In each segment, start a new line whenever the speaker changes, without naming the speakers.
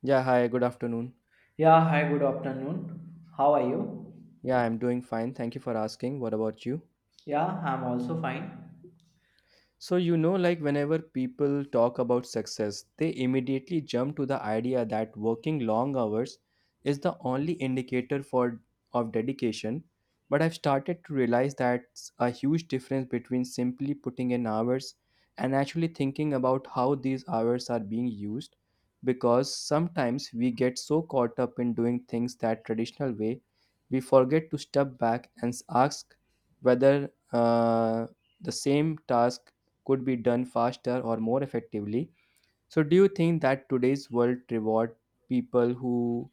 Yeah, hi, good afternoon.
Yeah, hi, good afternoon. How are you?
Yeah, I'm doing fine. Thank you for asking. What about you?
Yeah, I'm also fine.
So, you know, like whenever people talk about success, they immediately jump to the idea that working long hours is the only indicator for of dedication. But I've started to realize that's a huge difference between simply putting in hours and actually thinking about how these hours are being used. Because sometimes we get so caught up in doing things that traditional way, we forget to step back and ask whether the same task could be done faster or more effectively. So, do you think that today's world reward people who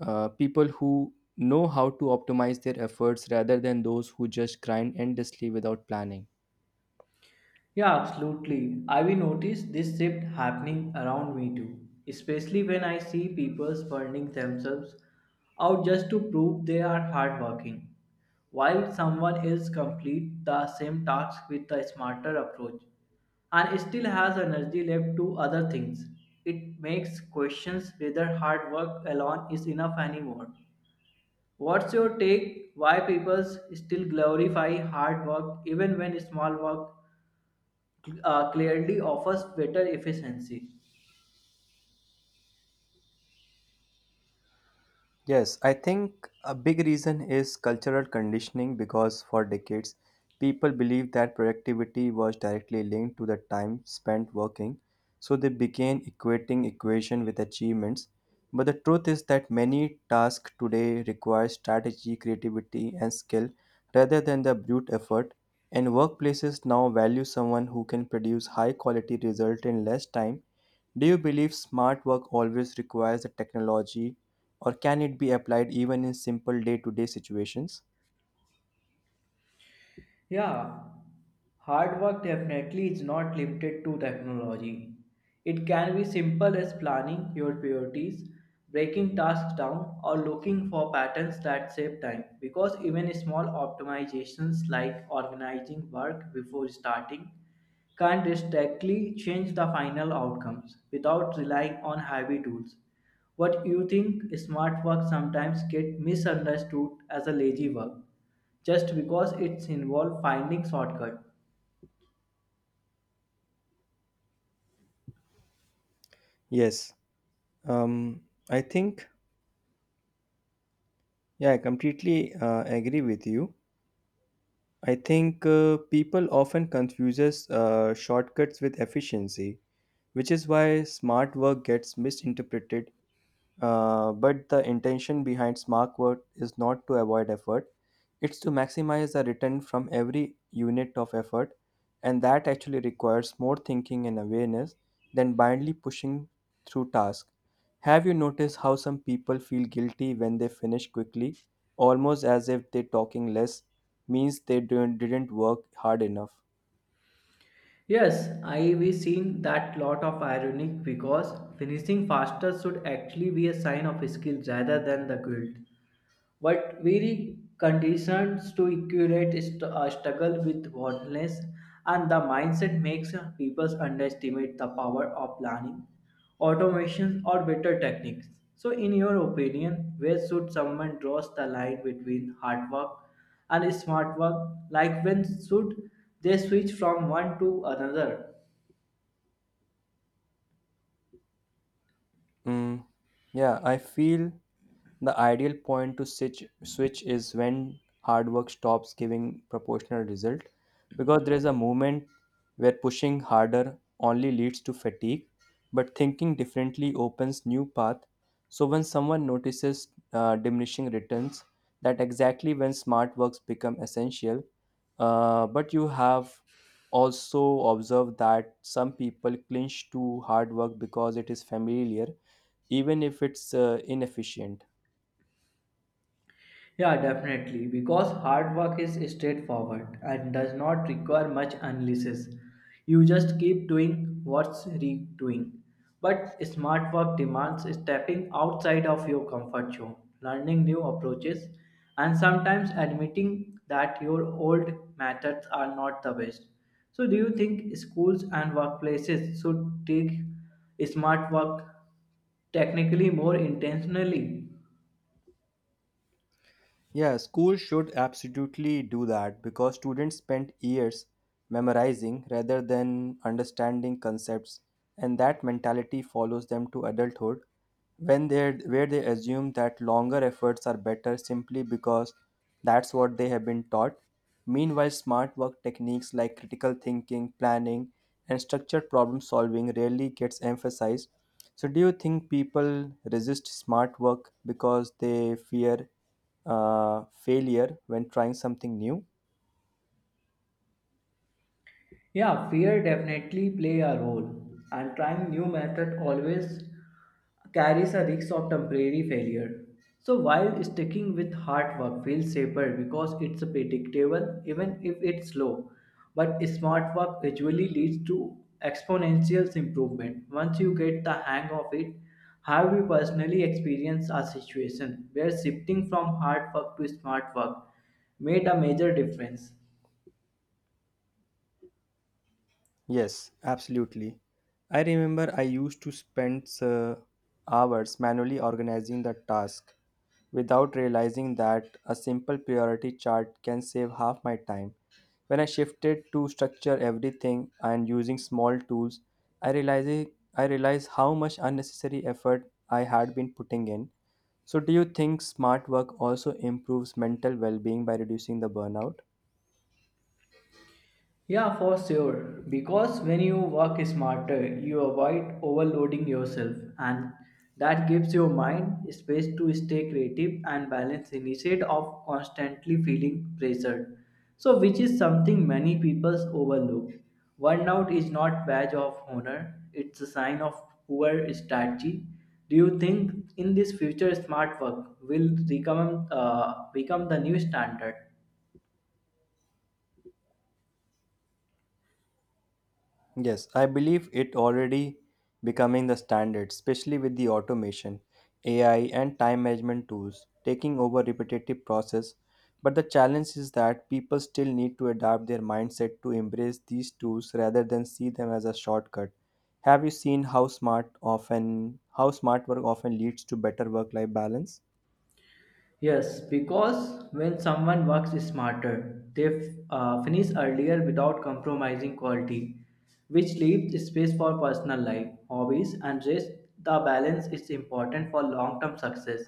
people who know how to optimize their efforts rather than those who just grind endlessly without planning?
Yeah, absolutely. I've noticed this shift happening around me too, especially when I see people burning themselves out just to prove they are hardworking, while someone else complete the same task with a smarter approach and still has energy left to other things. It makes questions whether hard work alone is enough anymore. What's your take? Why people still glorify hard work even when small work clearly offers better efficiency.
Yes, I think a big reason is cultural conditioning because for decades, people believed that productivity was directly linked to the time spent working, so they began equating equation with achievements. But the truth is that many tasks today require strategy, creativity, and skill rather than the brute effort, and workplaces now value someone who can produce high quality results in less time. Do you believe smart work always requires a technology, or can it be applied even in simple day to day situations?
Yeah, hard work definitely is not limited to technology. It can be simple as planning your priorities, breaking tasks down, or looking for patterns that save time. Because even small optimizations like organizing work before starting can't directly change the final outcomes without relying on heavy tools. What you think smart work sometimes get misunderstood as a lazy work just because it's involved finding shortcuts.
Yes, um, I think, yeah, I completely agree with you. I think people often confuses shortcuts with efficiency, which is why smart work gets misinterpreted. But the intention behind smart work is not to avoid effort, it's to maximize the return from every unit of effort, and that actually requires more thinking and awareness than blindly pushing through tasks. Have you noticed how some people feel guilty when they finish quickly, almost as if they talking less means they didn't work hard enough?
Yes, I we seen that lot of irony because finishing faster should actually be a sign of skill rather than the guilt. But very conditions to equate struggle with worthless and the mindset makes people underestimate the power of planning, automation or better techniques. So in your opinion, where should someone draws the line between hard work and smart work, like when should they switch from one to another?
Mm, yeah, I feel the ideal point to switch is when hard work stops giving proportional result because there is a moment where pushing harder only leads to fatigue but thinking differently opens new path. So when someone notices diminishing returns, that exactly when smart works become essential. But you have also observed that some people clinch to hard work because it is familiar even if it's inefficient.
Yeah, definitely. Because hard work is straightforward and does not require much analysis. You just keep doing what's redoing. But smart work demands stepping outside of your comfort zone, learning new approaches, and sometimes admitting that your old methods are not the best. So, do you think schools and workplaces should take smart work technically more intentionally?
Yeah, school should absolutely do that because students spend years memorizing rather than understanding concepts, and that mentality follows them to adulthood when they where they assume that longer efforts are better simply because that's what they have been taught. Meanwhile, smart work techniques like critical thinking, planning, and structured problem solving rarely gets emphasized. So, do you think people resist smart work because they fear failure when trying something new?
Yeah, fear definitely play a role, and trying new method always carries a risk of temporary failure. So while sticking with hard work feels safer because it's predictable even if it's slow, but smart work usually leads to exponential improvement once you get the hang of it. Have you personally experienced a situation where shifting from hard work to smart work made a major difference?
Yes, absolutely. I remember I used to spend hours manually organizing the task without realizing that a simple priority chart can save half my time. When I shifted to structure everything and using small tools, I realized I realized how much unnecessary effort I had been putting in. So do you think smart work also improves mental well-being by reducing the burnout?
Yeah, for sure. Because when you work smarter, you avoid overloading yourself, and that gives your mind space to stay creative and balanced instead of constantly feeling pressured. So, which is something many people overlook. Burnout is not badge of honor; it's a sign of poor strategy. Do you think in this future, smart work will become the new standard?
Yes, I believe it already becoming the standard, especially with the automation, AI and time management tools taking over repetitive process. But the challenge is that people still need to adapt their mindset to embrace these tools rather than see them as a shortcut. Have you seen how smart often How smart work often leads to better work life balance?
Yes, because when someone works smarter, they finish earlier without compromising quality, which leaves space for personal life, hobbies, and rest. The balance is important for long term success.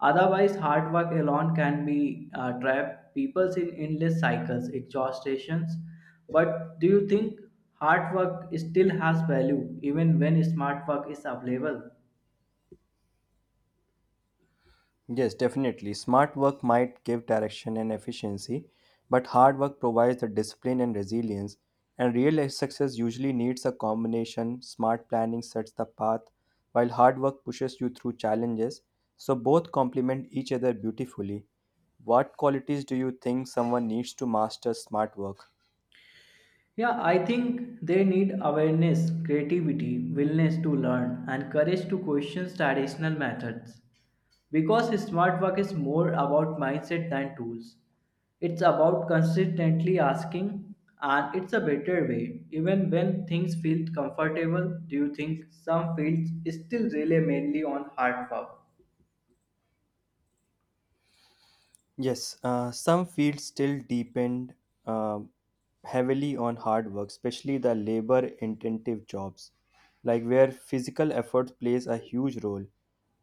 Otherwise, hard work alone can be trap people in endless cycles, exhaustations. But do you think hard work still has value even when smart work is available?
Yes, definitely. Smart work might give direction and efficiency, but hard work provides the discipline and resilience. And real success usually needs a combination. Smart planning sets the path, while hard work pushes you through challenges. So both complement each other beautifully. What qualities do you think someone needs to master smart work?
Yeah, I think they need awareness, creativity, willingness to learn, and courage to question traditional methods. Because smart work is more about mindset than tools. It's about consistently asking, and it's a better way. Even when things feel comfortable, do you think some fields still rely mainly on hard work?
Yes, some fields still depend um heavily on hard work, especially the labor intensive jobs, like where physical effort plays a huge role.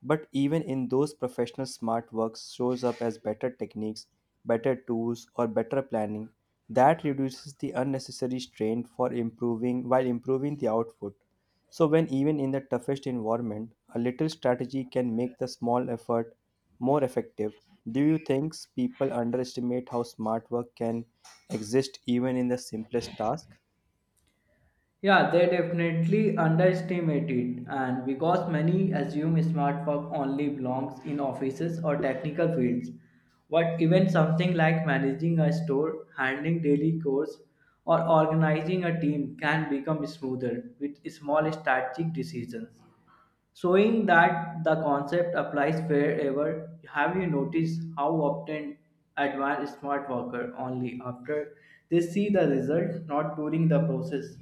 But even in those professional smart works shows up as better techniques, better tools, or better planning that reduces the unnecessary strain for improving while improving the output. So, when even in the toughest environment, a little strategy can make the small effort more effective. Do you think people underestimate how smart work can exist even in the simplest task?
Yeah, they definitely underestimate it, and because many assume smart work only belongs in offices or technical fields, but even something like managing a store, handling daily chores, or organizing a team can become smoother with small strategic decisions. Showing that the concept applies wherever, have you noticed how often advanced smart worker only after they see the result, not during the process?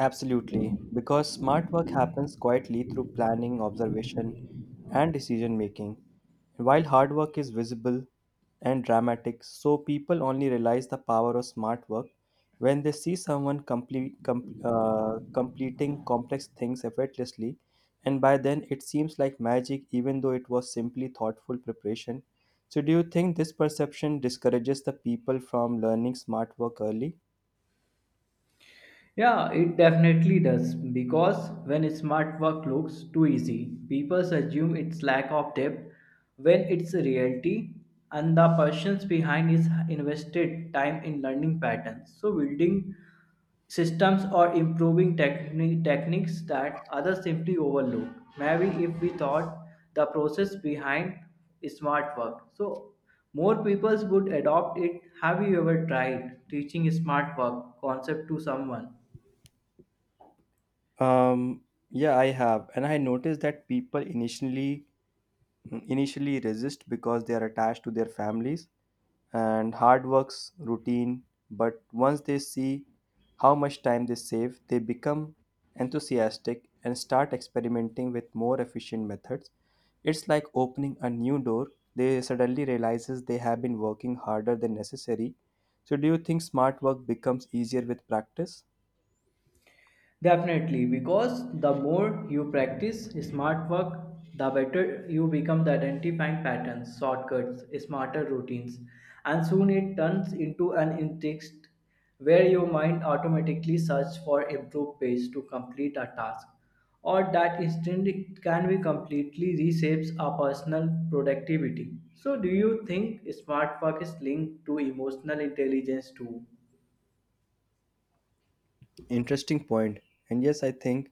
Absolutely, because smart work happens quietly through planning, observation, and decision making. While hard work is visible and dramatic, so people only realize the power of smart work when they see someone completing complex things effortlessly, and by then it seems like magic, even though it was simply thoughtful preparation. So, do you think this perception discourages the people from learning smart work early?
Yeah, it definitely does because when smart work looks too easy, people assume it's lack of depth when it's a reality and the persons behind is invested time in learning patterns. So building systems or improving techniques that others simply overlook. Maybe if we thought the process behind smart work. So more people would adopt it. Have you ever tried teaching smart work concept to someone?
Um, yeah, I have, and I noticed that people initially resist because they are attached to their families and hard works routine. But once they see how much time they save, they become enthusiastic and start experimenting with more efficient methods. It's like opening a new door. They suddenly realizes they have been working harder than necessary. So, do you think smart work becomes easier with practice?
Definitely, because the more you practice smart work, the better you become the identifying patterns, shortcuts, smarter routines, and soon it turns into an instinct where your mind automatically searches for improved ways to complete a task, or that instinct can be completely reshapes our personal productivity. So, do you think smart work is linked to emotional intelligence too?
Interesting point. And yes, I think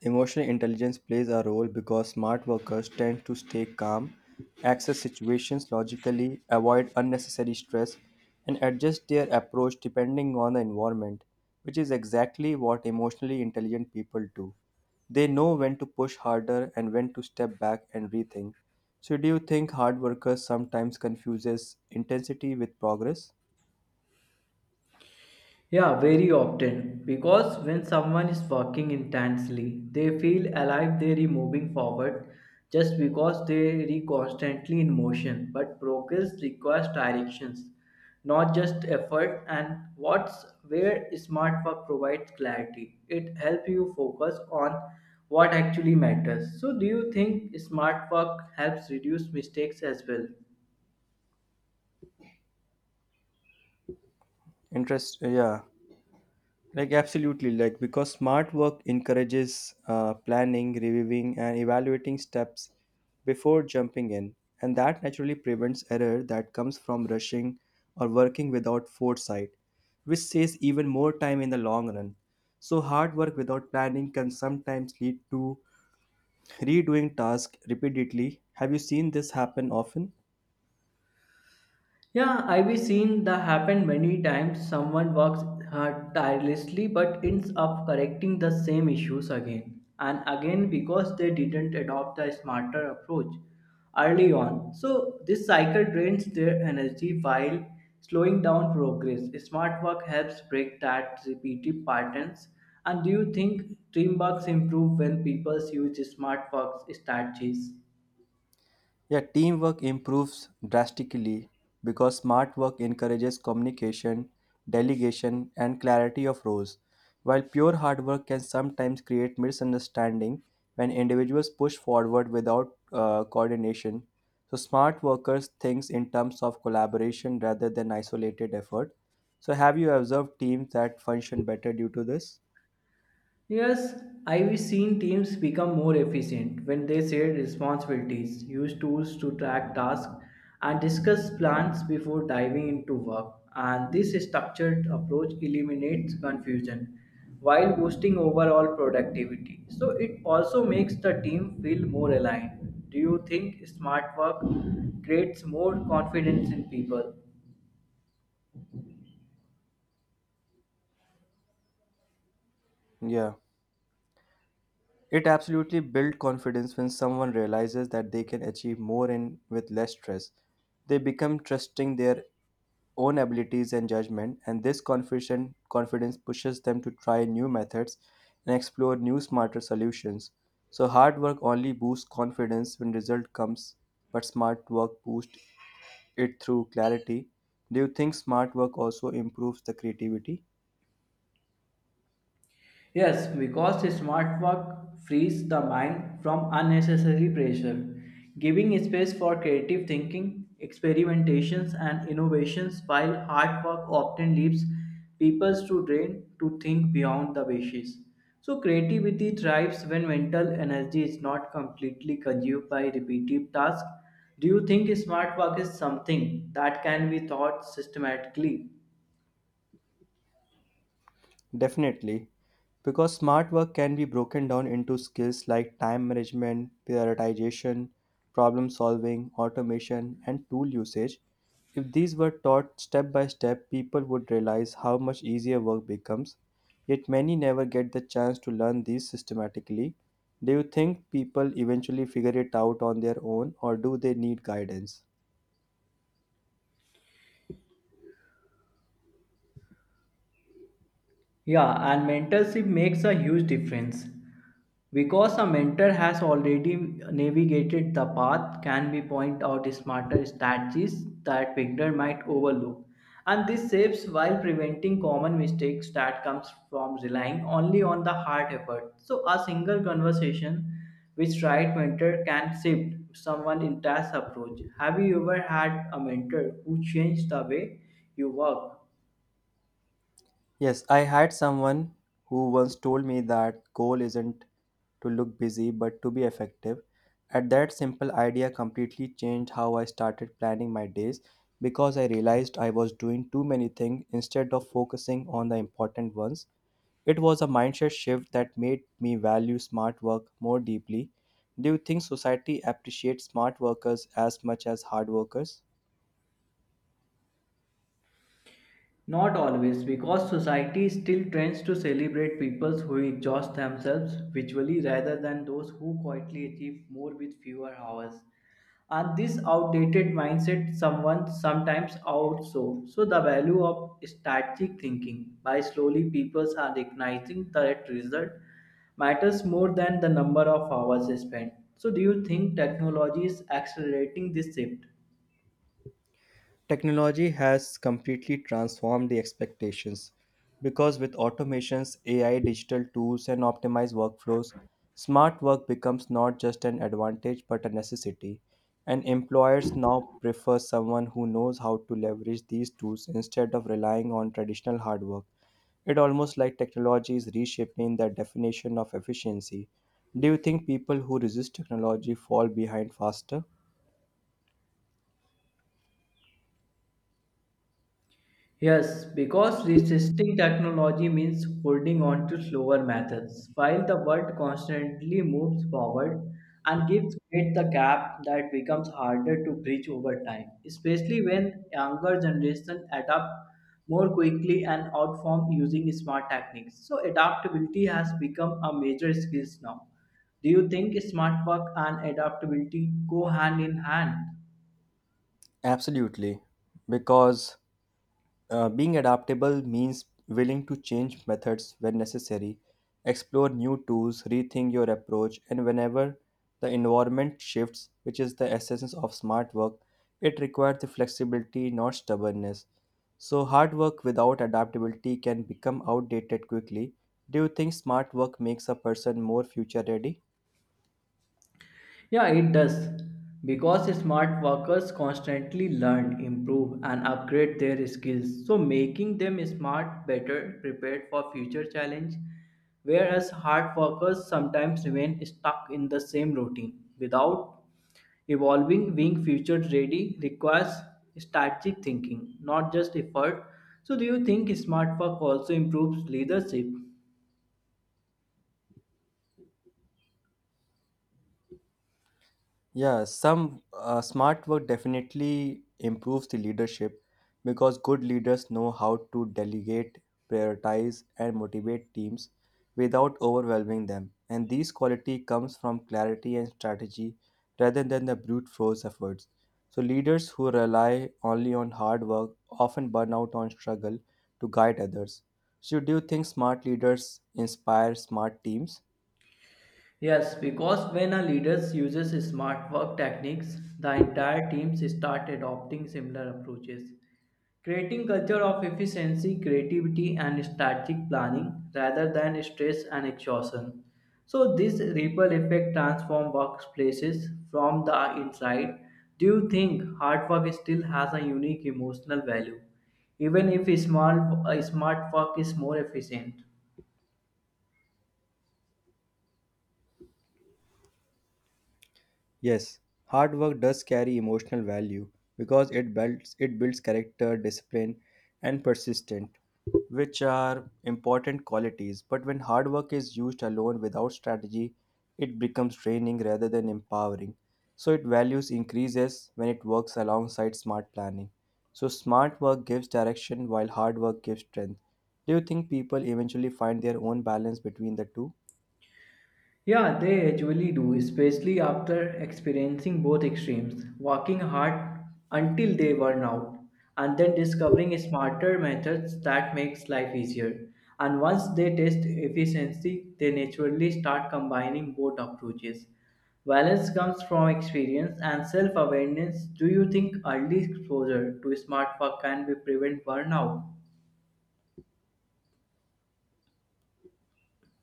emotional intelligence plays a role because smart workers tend to stay calm, access situations logically, avoid unnecessary stress, and adjust their approach depending on the environment, which is exactly what emotionally intelligent people do. They know when to push harder and when to step back and rethink. So, do you think hard workers sometimes confuses intensity with progress?
Yeah, very often. Because when someone is working intensely, they feel alive, they're moving forward just because they are constantly in motion. But progress requires directions, not just effort. And what's where smart work provides clarity. It helps you focus on what actually matters. So, do you think smart work helps reduce mistakes as well?
Interest, yeah. Like absolutely, like because smart work encourages planning, reviewing, and evaluating steps before jumping in, and that naturally prevents error that comes from rushing or working without foresight, which saves even more time in the long run. So hard work without planning can sometimes lead to redoing tasks repeatedly. Have you seen this happen often?
Yeah, I've seen that happen many times. Someone works tirelessly but ends up correcting the same issues again and again because they didn't adopt the smarter approach early on. So, this cycle drains their energy while slowing down progress. Smart work helps break that repeated patterns. And do you think teamworks improve when people use smart work strategies?
Yeah, teamwork improves drastically because smart work encourages communication, delegation, and clarity of roles, while pure hard work can sometimes create misunderstanding when individuals push forward without coordination. So, smart workers think in terms of collaboration rather than isolated effort. So, have you observed teams that function better due to this?
Yes, I've seen teams become more efficient when they share responsibilities, use tools to track tasks, and discuss plans before diving into work. And this structured approach eliminates confusion while boosting overall productivity. So it also makes the team feel more aligned. Do you think smart work creates more confidence in people?
Yeah. It absolutely builds confidence when someone realizes that they can achieve more in with less stress. They become trusting their own abilities and judgment, and this confidence pushes them to try new methods and explore new smarter solutions. So hard work only boosts confidence when result comes, but smart work boosts it through clarity. Do you think smart work also improves the creativity?
Yes, because smart work frees the mind from unnecessary pressure, giving space for creative thinking, experimentations, and innovations, while hard work often leaves people to drain to think beyond the basics. So, creativity thrives when mental energy is not completely consumed by repetitive tasks. Do you think smart work is something that can be taught systematically?
Definitely, because smart work can be broken down into skills like time management, prioritization, problem solving, automation, and tool usage. If these were taught step by step, people would realize how much easier work becomes. Yet many never get the chance to learn these systematically. Do you think people eventually figure it out on their own, or do they need guidance?
Yeah, and mentorship makes a huge difference because a mentor has already navigated the path can be point out smarter strategies that beginner might overlook, and this saves while preventing common mistakes that comes from relying only on the hard effort. So a single conversation with right mentor can shift someone entire approach. Have you ever had a mentor who changed the way you work?
Yes, I had someone who once told me that goal isn't to look busy but to be effective. And that simple idea completely changed how I started planning my days because I realized I was doing too many things instead of focusing on the important ones. It was a mindset shift that made me value smart work more deeply. Do you think society appreciates smart workers as much as hard workers?
Not always, because society still tends to celebrate people who exhaust themselves visually rather than those who quietly achieve more with fewer hours. And this outdated mindset someone sometimes outsources. So the value of strategic thinking by slowly people are recognizing that result matters more than the number of hours spent. So do you think technology is accelerating this shift?
Technology has completely transformed the expectations because with automations, AI, digital tools, and optimized workflows, smart work becomes not just an advantage but a necessity. And employers now prefer someone who knows how to leverage these tools instead of relying on traditional hard work. It almost like technology is reshaping the definition of efficiency. Do you think people who resist technology fall behind faster?
Yes, because resisting technology means holding on to slower methods, while the world constantly moves forward and gives great the gap that becomes harder to bridge over time, especially when younger generations adapt more quickly and outform using smart techniques. So adaptability has become a major skill now. Do you think smart work and adaptability go hand in hand?
Absolutely, because being adaptable means willing to change methods when necessary, explore new tools, rethink your approach, and whenever the environment shifts, which is the essence of smart work, it requires the flexibility, not stubbornness. So, hard work without adaptability can become outdated quickly. Do you think smart work makes a person more future ready?
Yeah, it does. Because smart workers constantly learn, improve, and upgrade their skills, so making them smart, better, prepared for future challenge. Whereas hard workers sometimes remain stuck in the same routine without evolving, being future ready requires strategic thinking, not just effort. So, do you think smart work also improves leadership?
Yeah, some smart work definitely improves the leadership because good leaders know how to delegate, prioritize, and motivate teams without overwhelming them. And these quality comes from clarity and strategy rather than the brute force efforts. So leaders who rely only on hard work often burn out on struggle to guide others. So do you think smart leaders inspire smart teams?
Yes, because when a leader uses smart work techniques, the entire teams start adopting similar approaches, creating culture of efficiency, creativity, and strategic planning rather than stress and exhaustion. So this ripple effect transforms workplaces from the inside. Do you think hard work still has a unique emotional value, even if smart work is more efficient?
Yes, hard work does carry emotional value because it builds character, discipline, and persistence, which are important qualities. But when hard work is used alone without strategy, it becomes draining rather than empowering. So its values increases when it works alongside smart planning. So smart work gives direction while hard work gives strength. Do you think people eventually find their own balance between the two?
Yeah, they usually do, especially after experiencing both extremes, working hard until they burn out, and then discovering smarter methods that makes life easier. And once they test efficiency, they naturally start combining both approaches. Balance comes from experience and self-awareness. Do you think early exposure to smart work can be prevent burnout?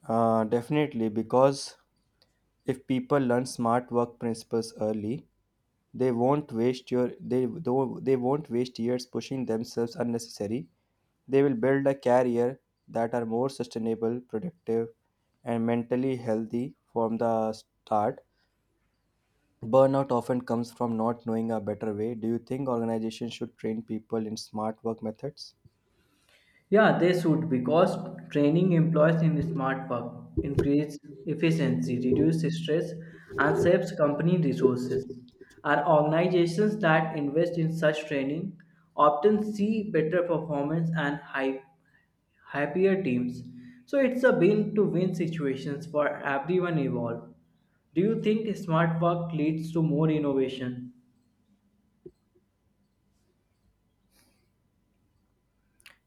Definitely, because if people learn smart work principles early, they won't waste your they though they won't waste years pushing themselves unnecessary. They will build a career that are more sustainable, productive, and mentally healthy from the start. Burnout often comes from not knowing a better way. Do you think organizations should train people in smart work methods?
Yeah, they should because training employees in smart work increase efficiency, reduce stress, and saves company resources. And organizations that invest in such training often see better performance and high, happier teams. So it's a win-to-win situations for everyone involved. Do you think smart work leads to more innovation?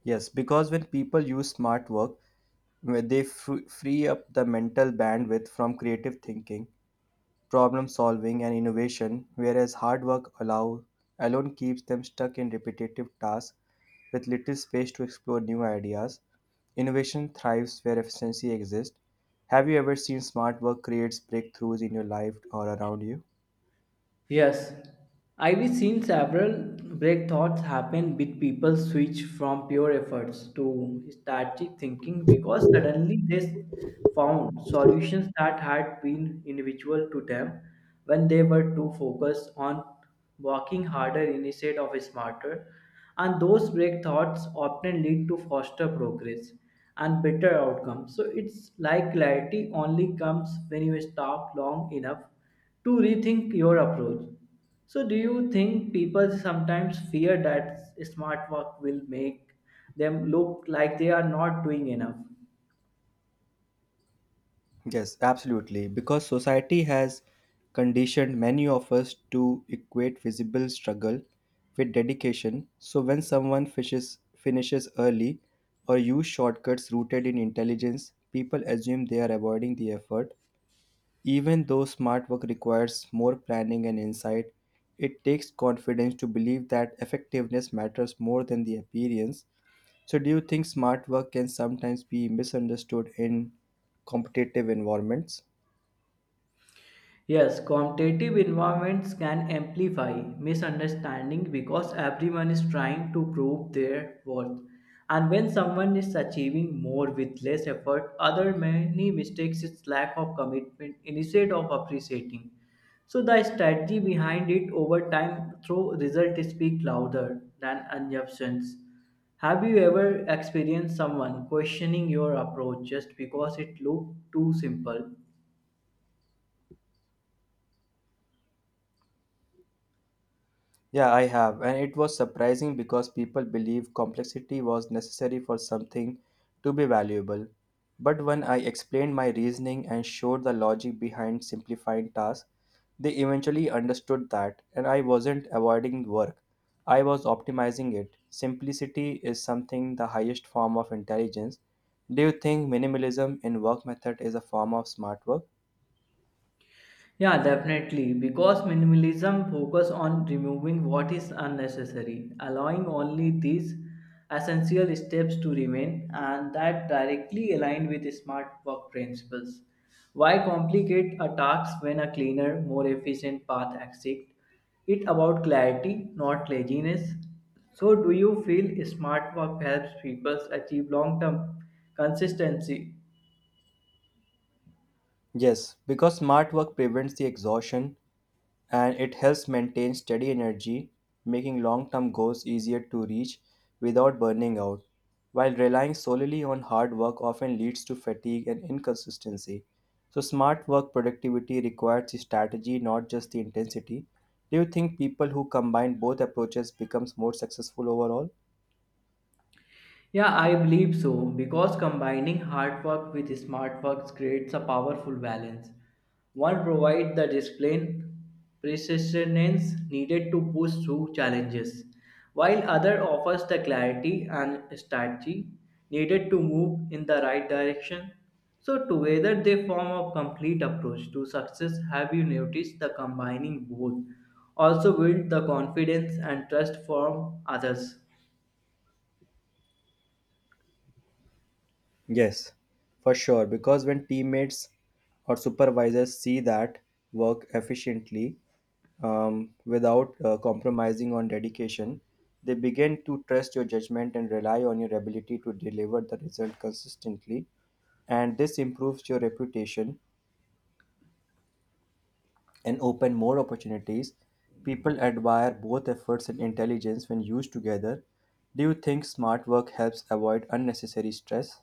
Yes, because when people use smart work, when they free up the mental bandwidth from creative thinking, problem solving, and innovation, whereas alone keeps them stuck in repetitive tasks with little space to explore new ideas. Innovation thrives where efficiency exists. Have you ever seen smart work creates breakthroughs in your life or around you?
Yes, I've seen several breakthroughs happen with people switch from pure efforts to strategic thinking because suddenly they found solutions that had been individual to them when they were too focused on working harder instead of smarter. And those breakthroughs often lead to faster progress and better outcomes. So it's like clarity only comes when you stop long enough to rethink your approach. So, do you think people sometimes fear that smart work will make them look like they are not doing enough?
Yes, absolutely. Because society has conditioned many of us to equate visible struggle with dedication. So when someone finishes early or use shortcuts rooted in intelligence, people assume they are avoiding the effort. Even though smart work requires more planning and insight, it takes confidence to believe that effectiveness matters more than the appearance. So do you think smart work can sometimes be misunderstood in competitive environments?
Yes, competitive environments can amplify misunderstanding because everyone is trying to prove their worth. And when someone is achieving more with less effort, other many mistakes is lack of commitment instead of appreciating. So the strategy behind it over time through result speak louder than assumptions. Have you ever experienced someone questioning your approach just because it looked too simple?
Yeah, I have, and it was surprising because people believe complexity was necessary for something to be valuable. But when I explained my reasoning and showed the logic behind simplifying tasks, they eventually understood that, and I wasn't avoiding work. I was optimizing it. Simplicity is something the highest form of intelligence. Do you think minimalism in work method is a form of smart work?
Yeah, definitely. Because minimalism focus on removing what is unnecessary, allowing only these essential steps to remain and that directly aligned with smart work principles. Why complicate a task when a cleaner, more efficient path exists? It about clarity, not laziness. So do you feel smart work helps people achieve long-term consistency?
Yes, because smart work prevents the exhaustion and it helps maintain steady energy, making long term goals easier to reach without burning out. While relying solely on hard work often leads to fatigue and inconsistency. So, smart work productivity requires strategy, not just the intensity. Do you think people who combine both approaches becomes more successful overall?
Yeah, I believe so because combining hard work with smart work creates a powerful balance. One provides the discipline, persistence needed to push through challenges, while other offers the clarity and strategy needed to move in the right direction. So together they form a complete approach to success. Have you noticed the combining both also build the confidence and trust from others?
Yes, for sure. Because when teammates or supervisors see that work efficiently, without compromising on dedication, they begin to trust your judgment and rely on your ability to deliver the result consistently. And this improves your reputation and open more opportunities. People admire both efforts and intelligence when used together. Do you think smart work helps avoid unnecessary stress?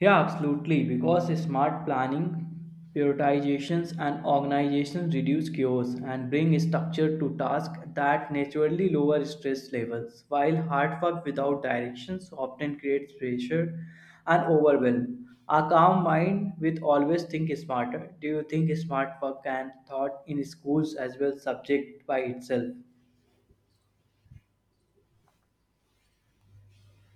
Yeah, absolutely. Because smart planning, prioritizations, and organizations reduce chaos and bring structure to tasks that naturally lower stress levels, while hard work without directions often creates pressure and overwhelm. A calm mind with always think smarter. Do you think smart work and thought in schools as well subject by itself?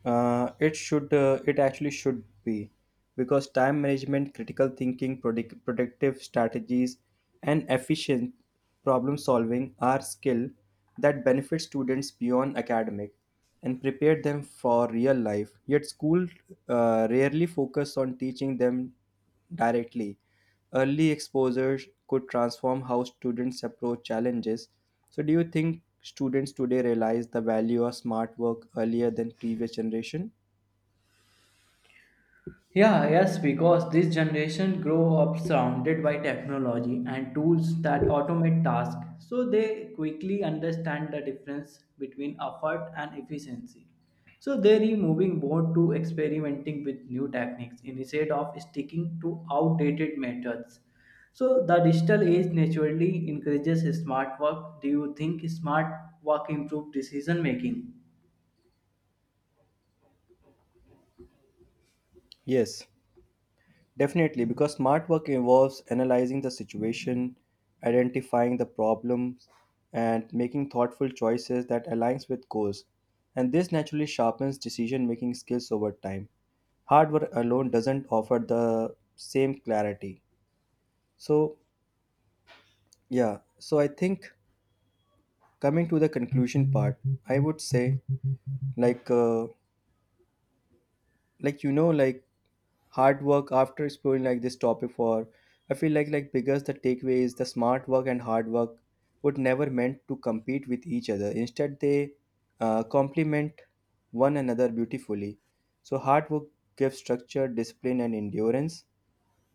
It actually should be, because time management, critical thinking, productive strategies, and efficient problem solving are skill that benefit students beyond academic and prepare them for real life. Yet, school rarely focus on teaching them directly. Early exposure could transform how students approach challenges. So, do you think students today realize the value of smart work earlier than previous generation?
Yeah, Yes, because this generation grow up surrounded by technology and tools that automate tasks, so they quickly understand the difference between effort and efficiency. So they are moving more to experimenting with new techniques instead of sticking to outdated methods. So the digital age naturally encourages smart work. Do you think smart work improves decision making?
Yes, definitely, because smart work involves analyzing the situation, identifying the problems, and making thoughtful choices that aligns with goals. And this naturally sharpens decision-making skills over time. Hard work alone doesn't offer the same clarity. So, yeah, so I think coming to the conclusion part, I would say like uh, like hard work, after exploring like this topic for, I feel like biggest the takeaway is the smart work and hard work would never meant to compete with each other. Instead they complement one another beautifully. So hard work gives structure, discipline, and endurance,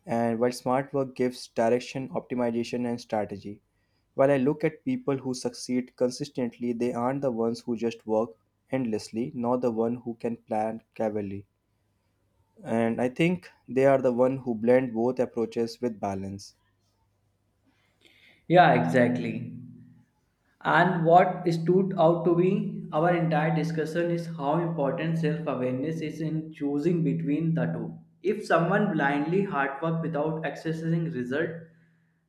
and while smart work gives direction, optimization, and strategy. While I look at people who succeed consistently, they aren't the ones who just work endlessly, nor the one who can plan cleverly. And I think they are the one who blend both approaches with balance.
Yeah, exactly. And what stood out to me our entire discussion is how important self awareness is in choosing between the two. If someone blindly hard work without accessing result,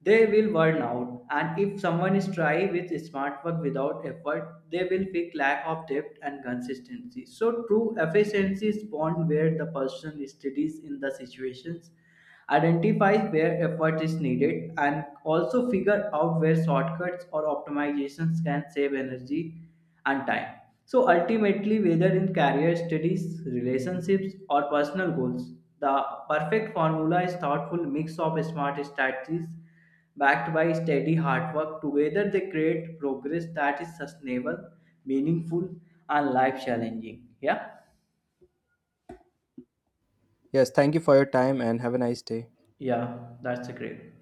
they will burn out. And if someone is try with smart work without effort, they will feel lack of depth and consistency. So true efficiency is born where the person studies in the situations identify where effort is needed and also figure out where shortcuts or optimizations can save energy and time. So ultimately whether in career studies relationships or personal goals, the perfect formula is thoughtful mix of smart strategies backed by steady hard work. Together they create progress that is sustainable, meaningful, and life challenging. Yeah.
Yes, thank you for your time and have a nice day.
Yeah, that's a great.